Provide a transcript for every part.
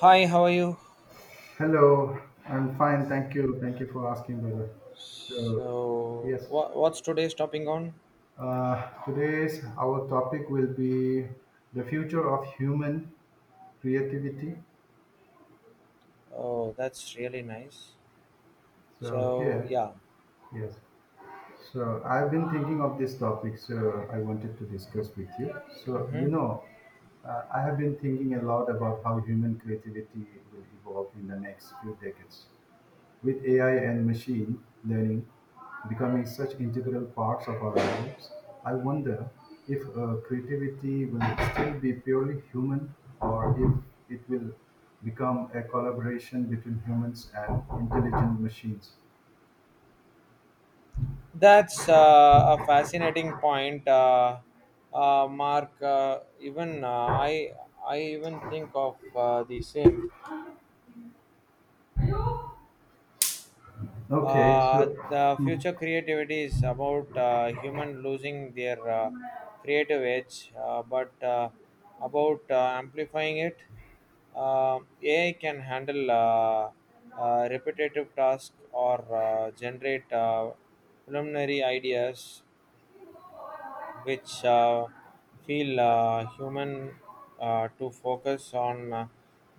Hi, how are you? Hello, I'm fine. Thank you. Thank you for asking, brother. So, So, yes, what, what's today's topic on? Today's our topic will be the future of human creativity. Oh, that's really nice. So, So, here, yeah. yes. I've been thinking of this topic, so I wanted to discuss with you. So, Hmm, you know, I have been thinking a lot about how human creativity will evolve in the next few decades. With AI and machine learning becoming such integral parts of our lives, I wonder if creativity will still be purely human, or if it will become a collaboration between humans and intelligent machines. that's a fascinating point, Mark. Even I even think of the same. Okay, so The future creativity is about human losing their creative edge, but about amplifying it. AI can handle repetitive tasks or generate preliminary ideas which feel human to focus on uh,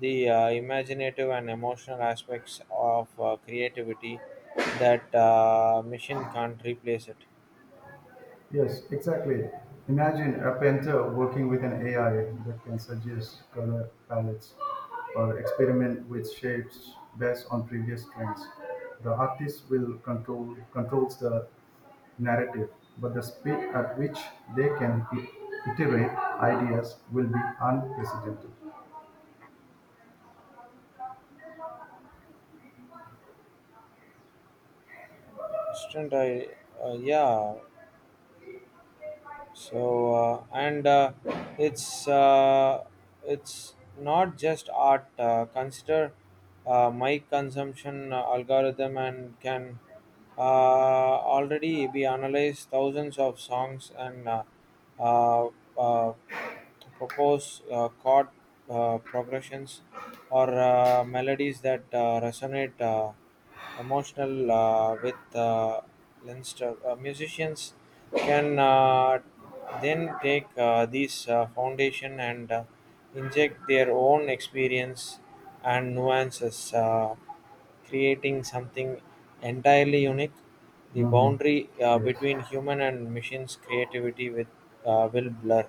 the uh, imaginative and emotional aspects of creativity that machine can't replace it. Yes, exactly. Imagine a painter working with an AI that can suggest color palettes or experiment with shapes based on previous trends. The artist will control controls the narrative, but the speed at which they can iterate ideas will be unprecedented. Student, I, yeah. So and it's uh, it's not just art. Consider my consumption algorithm and can already be analyzed thousands of songs and uh, uh, propose chord progressions or melodies that resonate emotional with Leinster. Musicians can then take these foundation and inject their own experience and nuances, creating something entirely unique. The Mhm. boundary Yes. between human and machines creativity with will blur.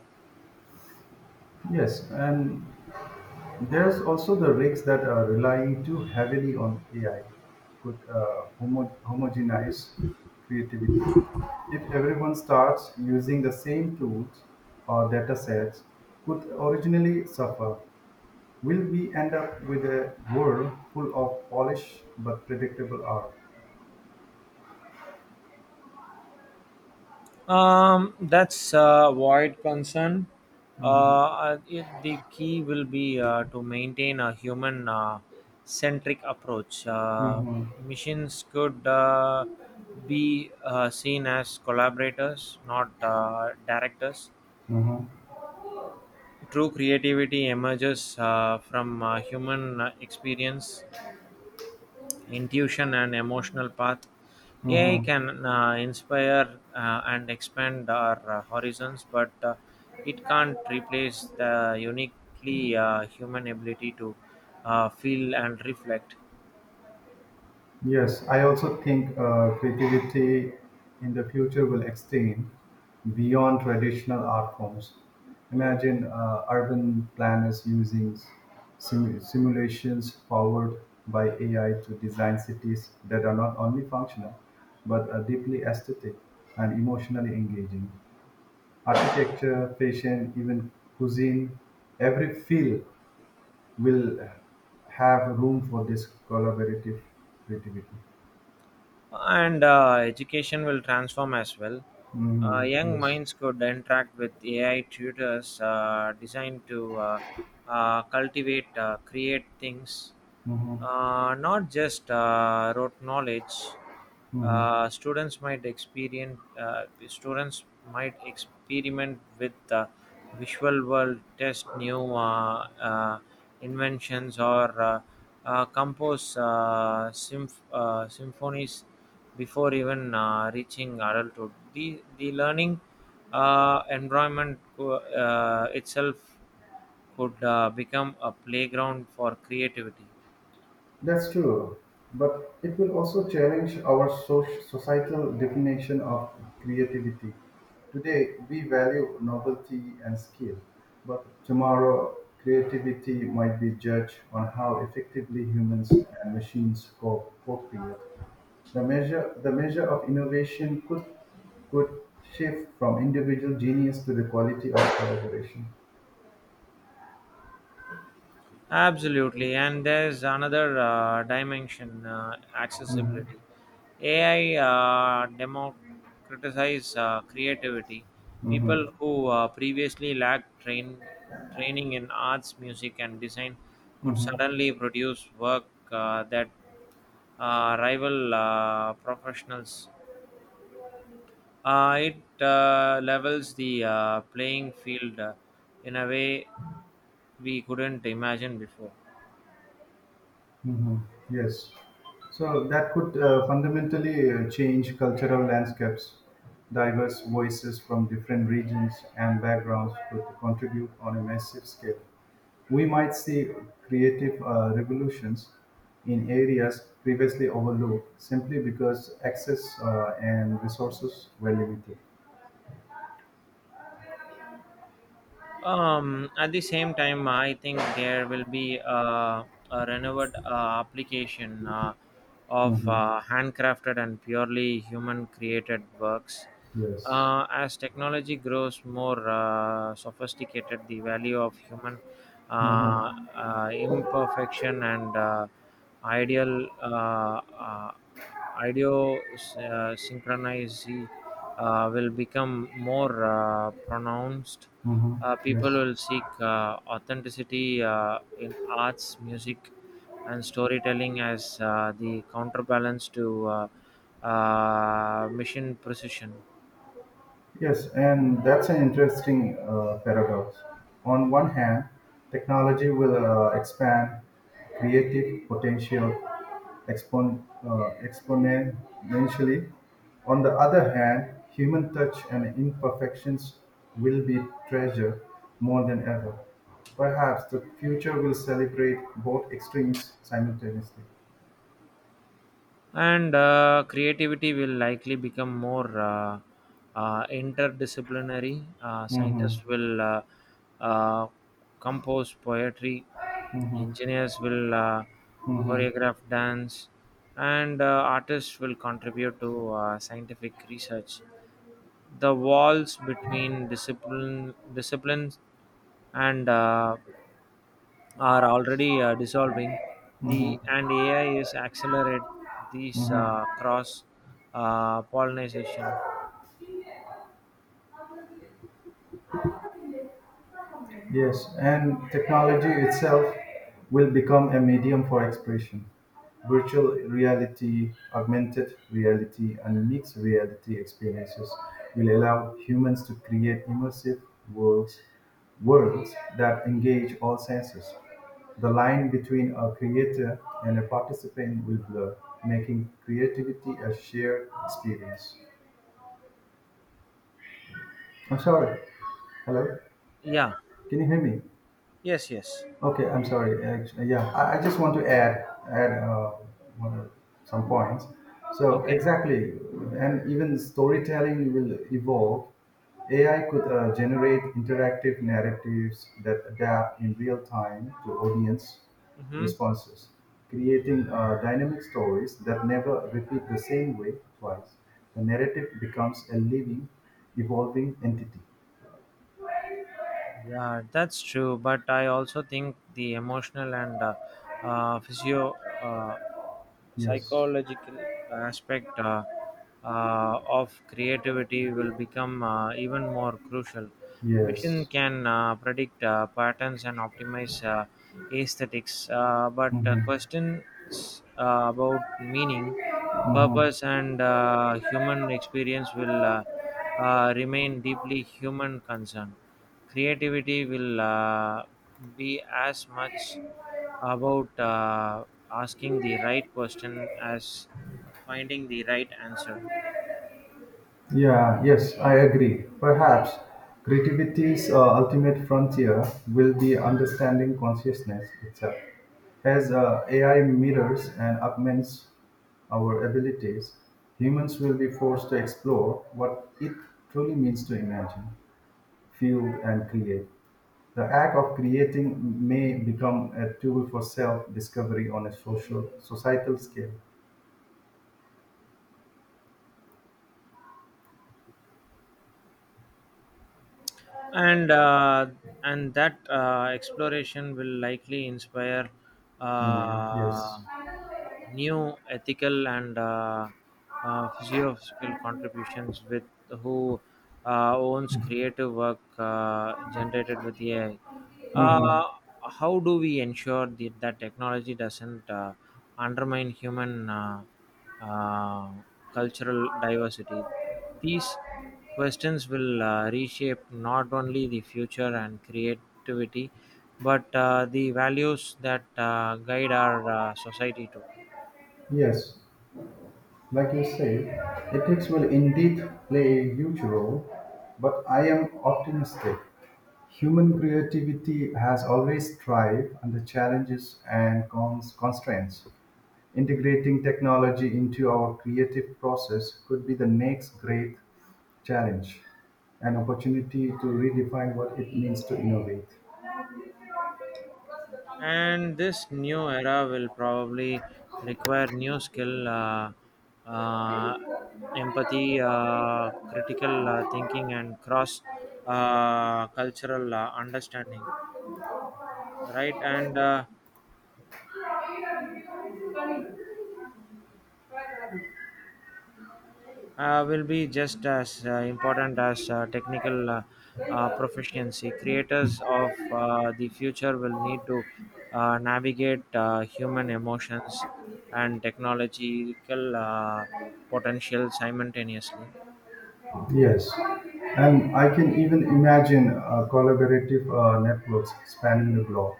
Yes, and There's also the risks that relying too heavily on AI could homogenize creativity. If everyone starts using the same tools or data sets, could originally suffer. Will we end up with a world full of polished but predictable art? That's a wide concern. Mm-hmm. The key will be to maintain a human centric approach. Mm-hmm. Machines could be seen as collaborators, not directors. Mm-hmm. True creativity emerges from human experience, intuition and emotional path. AI Mm-hmm. can inspire and expand our horizons, but it can't replace the uniquely human ability to feel and reflect. Yes, I also think creativity in the future will extend beyond traditional art forms. Imagine urban planners using simulations powered by AI to design cities that are not only functional but are deeply aesthetic and emotionally engaging. Architecture, fashion, even cuisine, every field will have room for this collaborative creativity. And education will transform as well. Mhm. Young Yes. minds could interact with AI tutors designed to cultivate, create things, Mhm. Not just rote knowledge. Mhm. Students might experiment with the visual world, test new inventions, or compose symphonies before even reaching adulthood. The learning environment itself could become a playground for creativity. That's true. But it will also challenge our societal definition of creativity. Today, we value novelty and skill, but tomorrow, creativity might be judged on how effectively humans and machines co-create. The measure of innovation could shift from individual genius to the quality of collaboration. Absolutely, and there's another dimension, Mhm. accessibility. AI democratizes creativity. Mhm. People who training in arts, music, and design could Mhm. suddenly produce work that rival professionals. It levels the playing field in a way we couldn't imagine before. Hmm. Yes. So that could fundamentally change cultural landscapes. Diverse voices from different regions and backgrounds could contribute on a massive scale. We might see creative revolutions in areas previously overlooked simply because access and resources were limited. At the same time, I think there will be a renewed application of Hmm. Handcrafted and purely human created works. Yes. As technology grows more sophisticated, the value of human uh, Hmm. Imperfection and ideal ideo synchronicity will become more pronounced. Hmm. Yes. People will seek authenticity in arts, music, and storytelling as the counterbalance to mission precision. Yes, and that's an interesting paradox. On one hand, technology will expand creative potential exponentially. On the other hand, human touch and imperfections will be treasured more than ever. Perhaps the future will celebrate both extremes simultaneously. And creativity will likely become more interdisciplinary. Hmm. Scientists will uh, compose poetry, Hmm. engineers will Hmm. choreograph dance, and artists will contribute to scientific research. The walls between disciplines and are already dissolving, Hmm. the and AI is accelerate these Hmm. Cross pollination. Yes, and technology itself will become a medium for expression. Virtual reality, augmented reality, and mixed reality experiences will allow humans to create immersive worlds, worlds that engage all senses. The line between a creator and a participant will blur, making creativity a shared experience. I'm sorry. Hello? Yeah, Can you hear me? yes, yes, Okay, I'm sorry. Actually, yeah, I just want to add one- some points. So okay, exactly, and even storytelling will evolve. AI could generate interactive narratives that adapt in real time to audience mm-hmm. responses, creating dynamic stories that never repeat the same way twice. The narrative becomes a living, evolving entity. Yeah, that's true, but I also think the emotional and physio uh, Yes. psychological aspect of creativity will become even more crucial. Machine Yes. can predict patterns and optimize aesthetics, but Mhm. questions about meaning, Mhm. purpose, and human experience will remain deeply human concern. Creativity will be as much about asking the right question as finding the right answer. Yeah, yes, I agree. Perhaps creativity's ultimate frontier will be understanding consciousness itself. As AI mirrors and augments our abilities, humans will be forced to explore what it truly means to imagine. Field and create. The act of creating may become a tool for self-discovery on a social societal scale. And that exploration will likely inspire Hmm. uh, Yes. new ethical and physiological contributions with who owns creative work generated with AI. Mhm. Uh, how do we ensure that technology doesn't undermine human uh, cultural diversity? These questions will reshape not only the future and creativity, but the values that guide our society too. Yes. Like you said, ethics will indeed play a huge role, but I am optimistic. Human creativity has always thrived under challenges and constraints. Integrating technology into our creative process could be the next great challenge, an opportunity to redefine what it means to innovate. And this new era will probably require new skill, uh, empathy, critical thinking and cross cultural understanding, right? And will be just as important as technical proficiency. Creators of the future will need to navigate human emotions and technological potential simultaneously. Yes, and I can even imagine collaborative networks spanning the globe.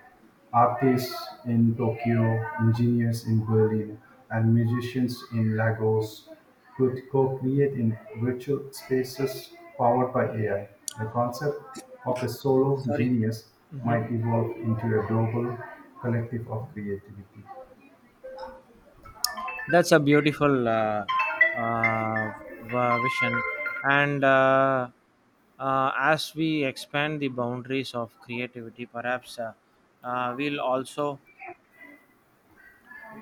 Artists in Tokyo, engineers in Berlin, and musicians in Lagos could co create in virtual spaces powered by AI. The concept of a solo Sorry. genius Hmm. might evolve into a global collective of creativity. That's a beautiful uh, vision. And as we expand the boundaries of creativity, perhaps we'll also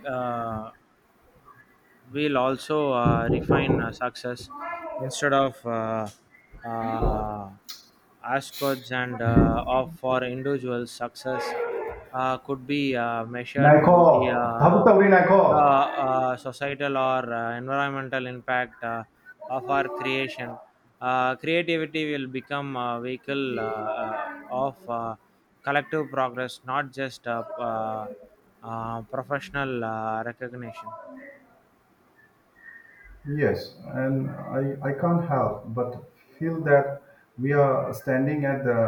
呃 will also refine success instead of uh, ascodes and of for individual success could be measured by the Nicole, uh, Thabutawi the Nicole. uh, societal or environmental impact of our creation. Creativity will become a vehicle of collective progress, not just professional recognition. Yes, and I can't help but feel that we are standing at the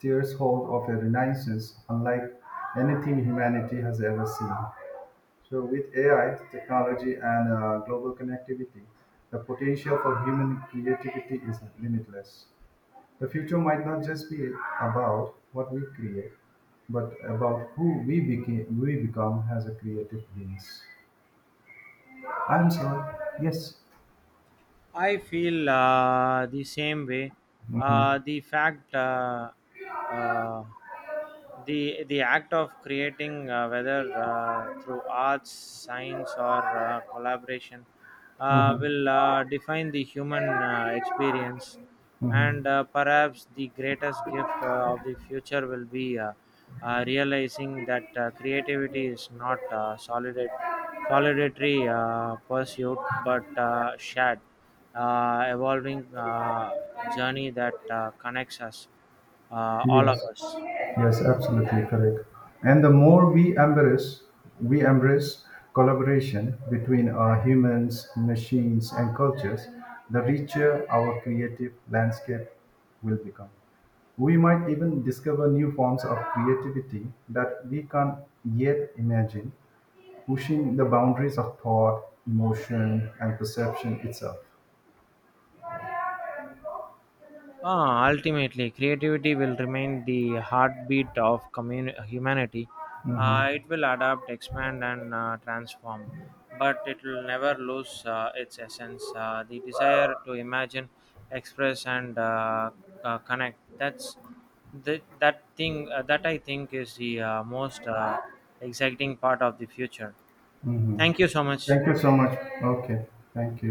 threshold of a renaissance unlike anything humanity has ever seen. So, with AI, technology, and global connectivity, the potential for human creativity is limitless. The future might not just be about what we create, but about who we, became. We become as a creative beings. I'm sorry. Yes. I feel the same way. Mm-hmm. Uh, the fact, uh, uh, the act of creating, whether through arts, science, or collaboration, Mm-hmm. will define the human experience. Mm-hmm. And perhaps the greatest gift of the future will be realizing that creativity is not solitary pursuit, but shared, evolving journey that connects us, all of Yes, us. yes, absolutely correct. And the more we embrace collaboration between our humans, machines, and cultures, the richer our creative landscape will become. We might even discover new forms of creativity that we can't yet imagine, pushing the boundaries of thought, emotion, and perception itself. Ah, ultimately, creativity will remain the heartbeat of humanity. It will adapt, expand, and transform, but it will never lose its essence. The desire to imagine, express, and connect. That thing that I think is the most exciting part of the future. Mhm. Thank you so much. Thank you so much. Okay, thank you.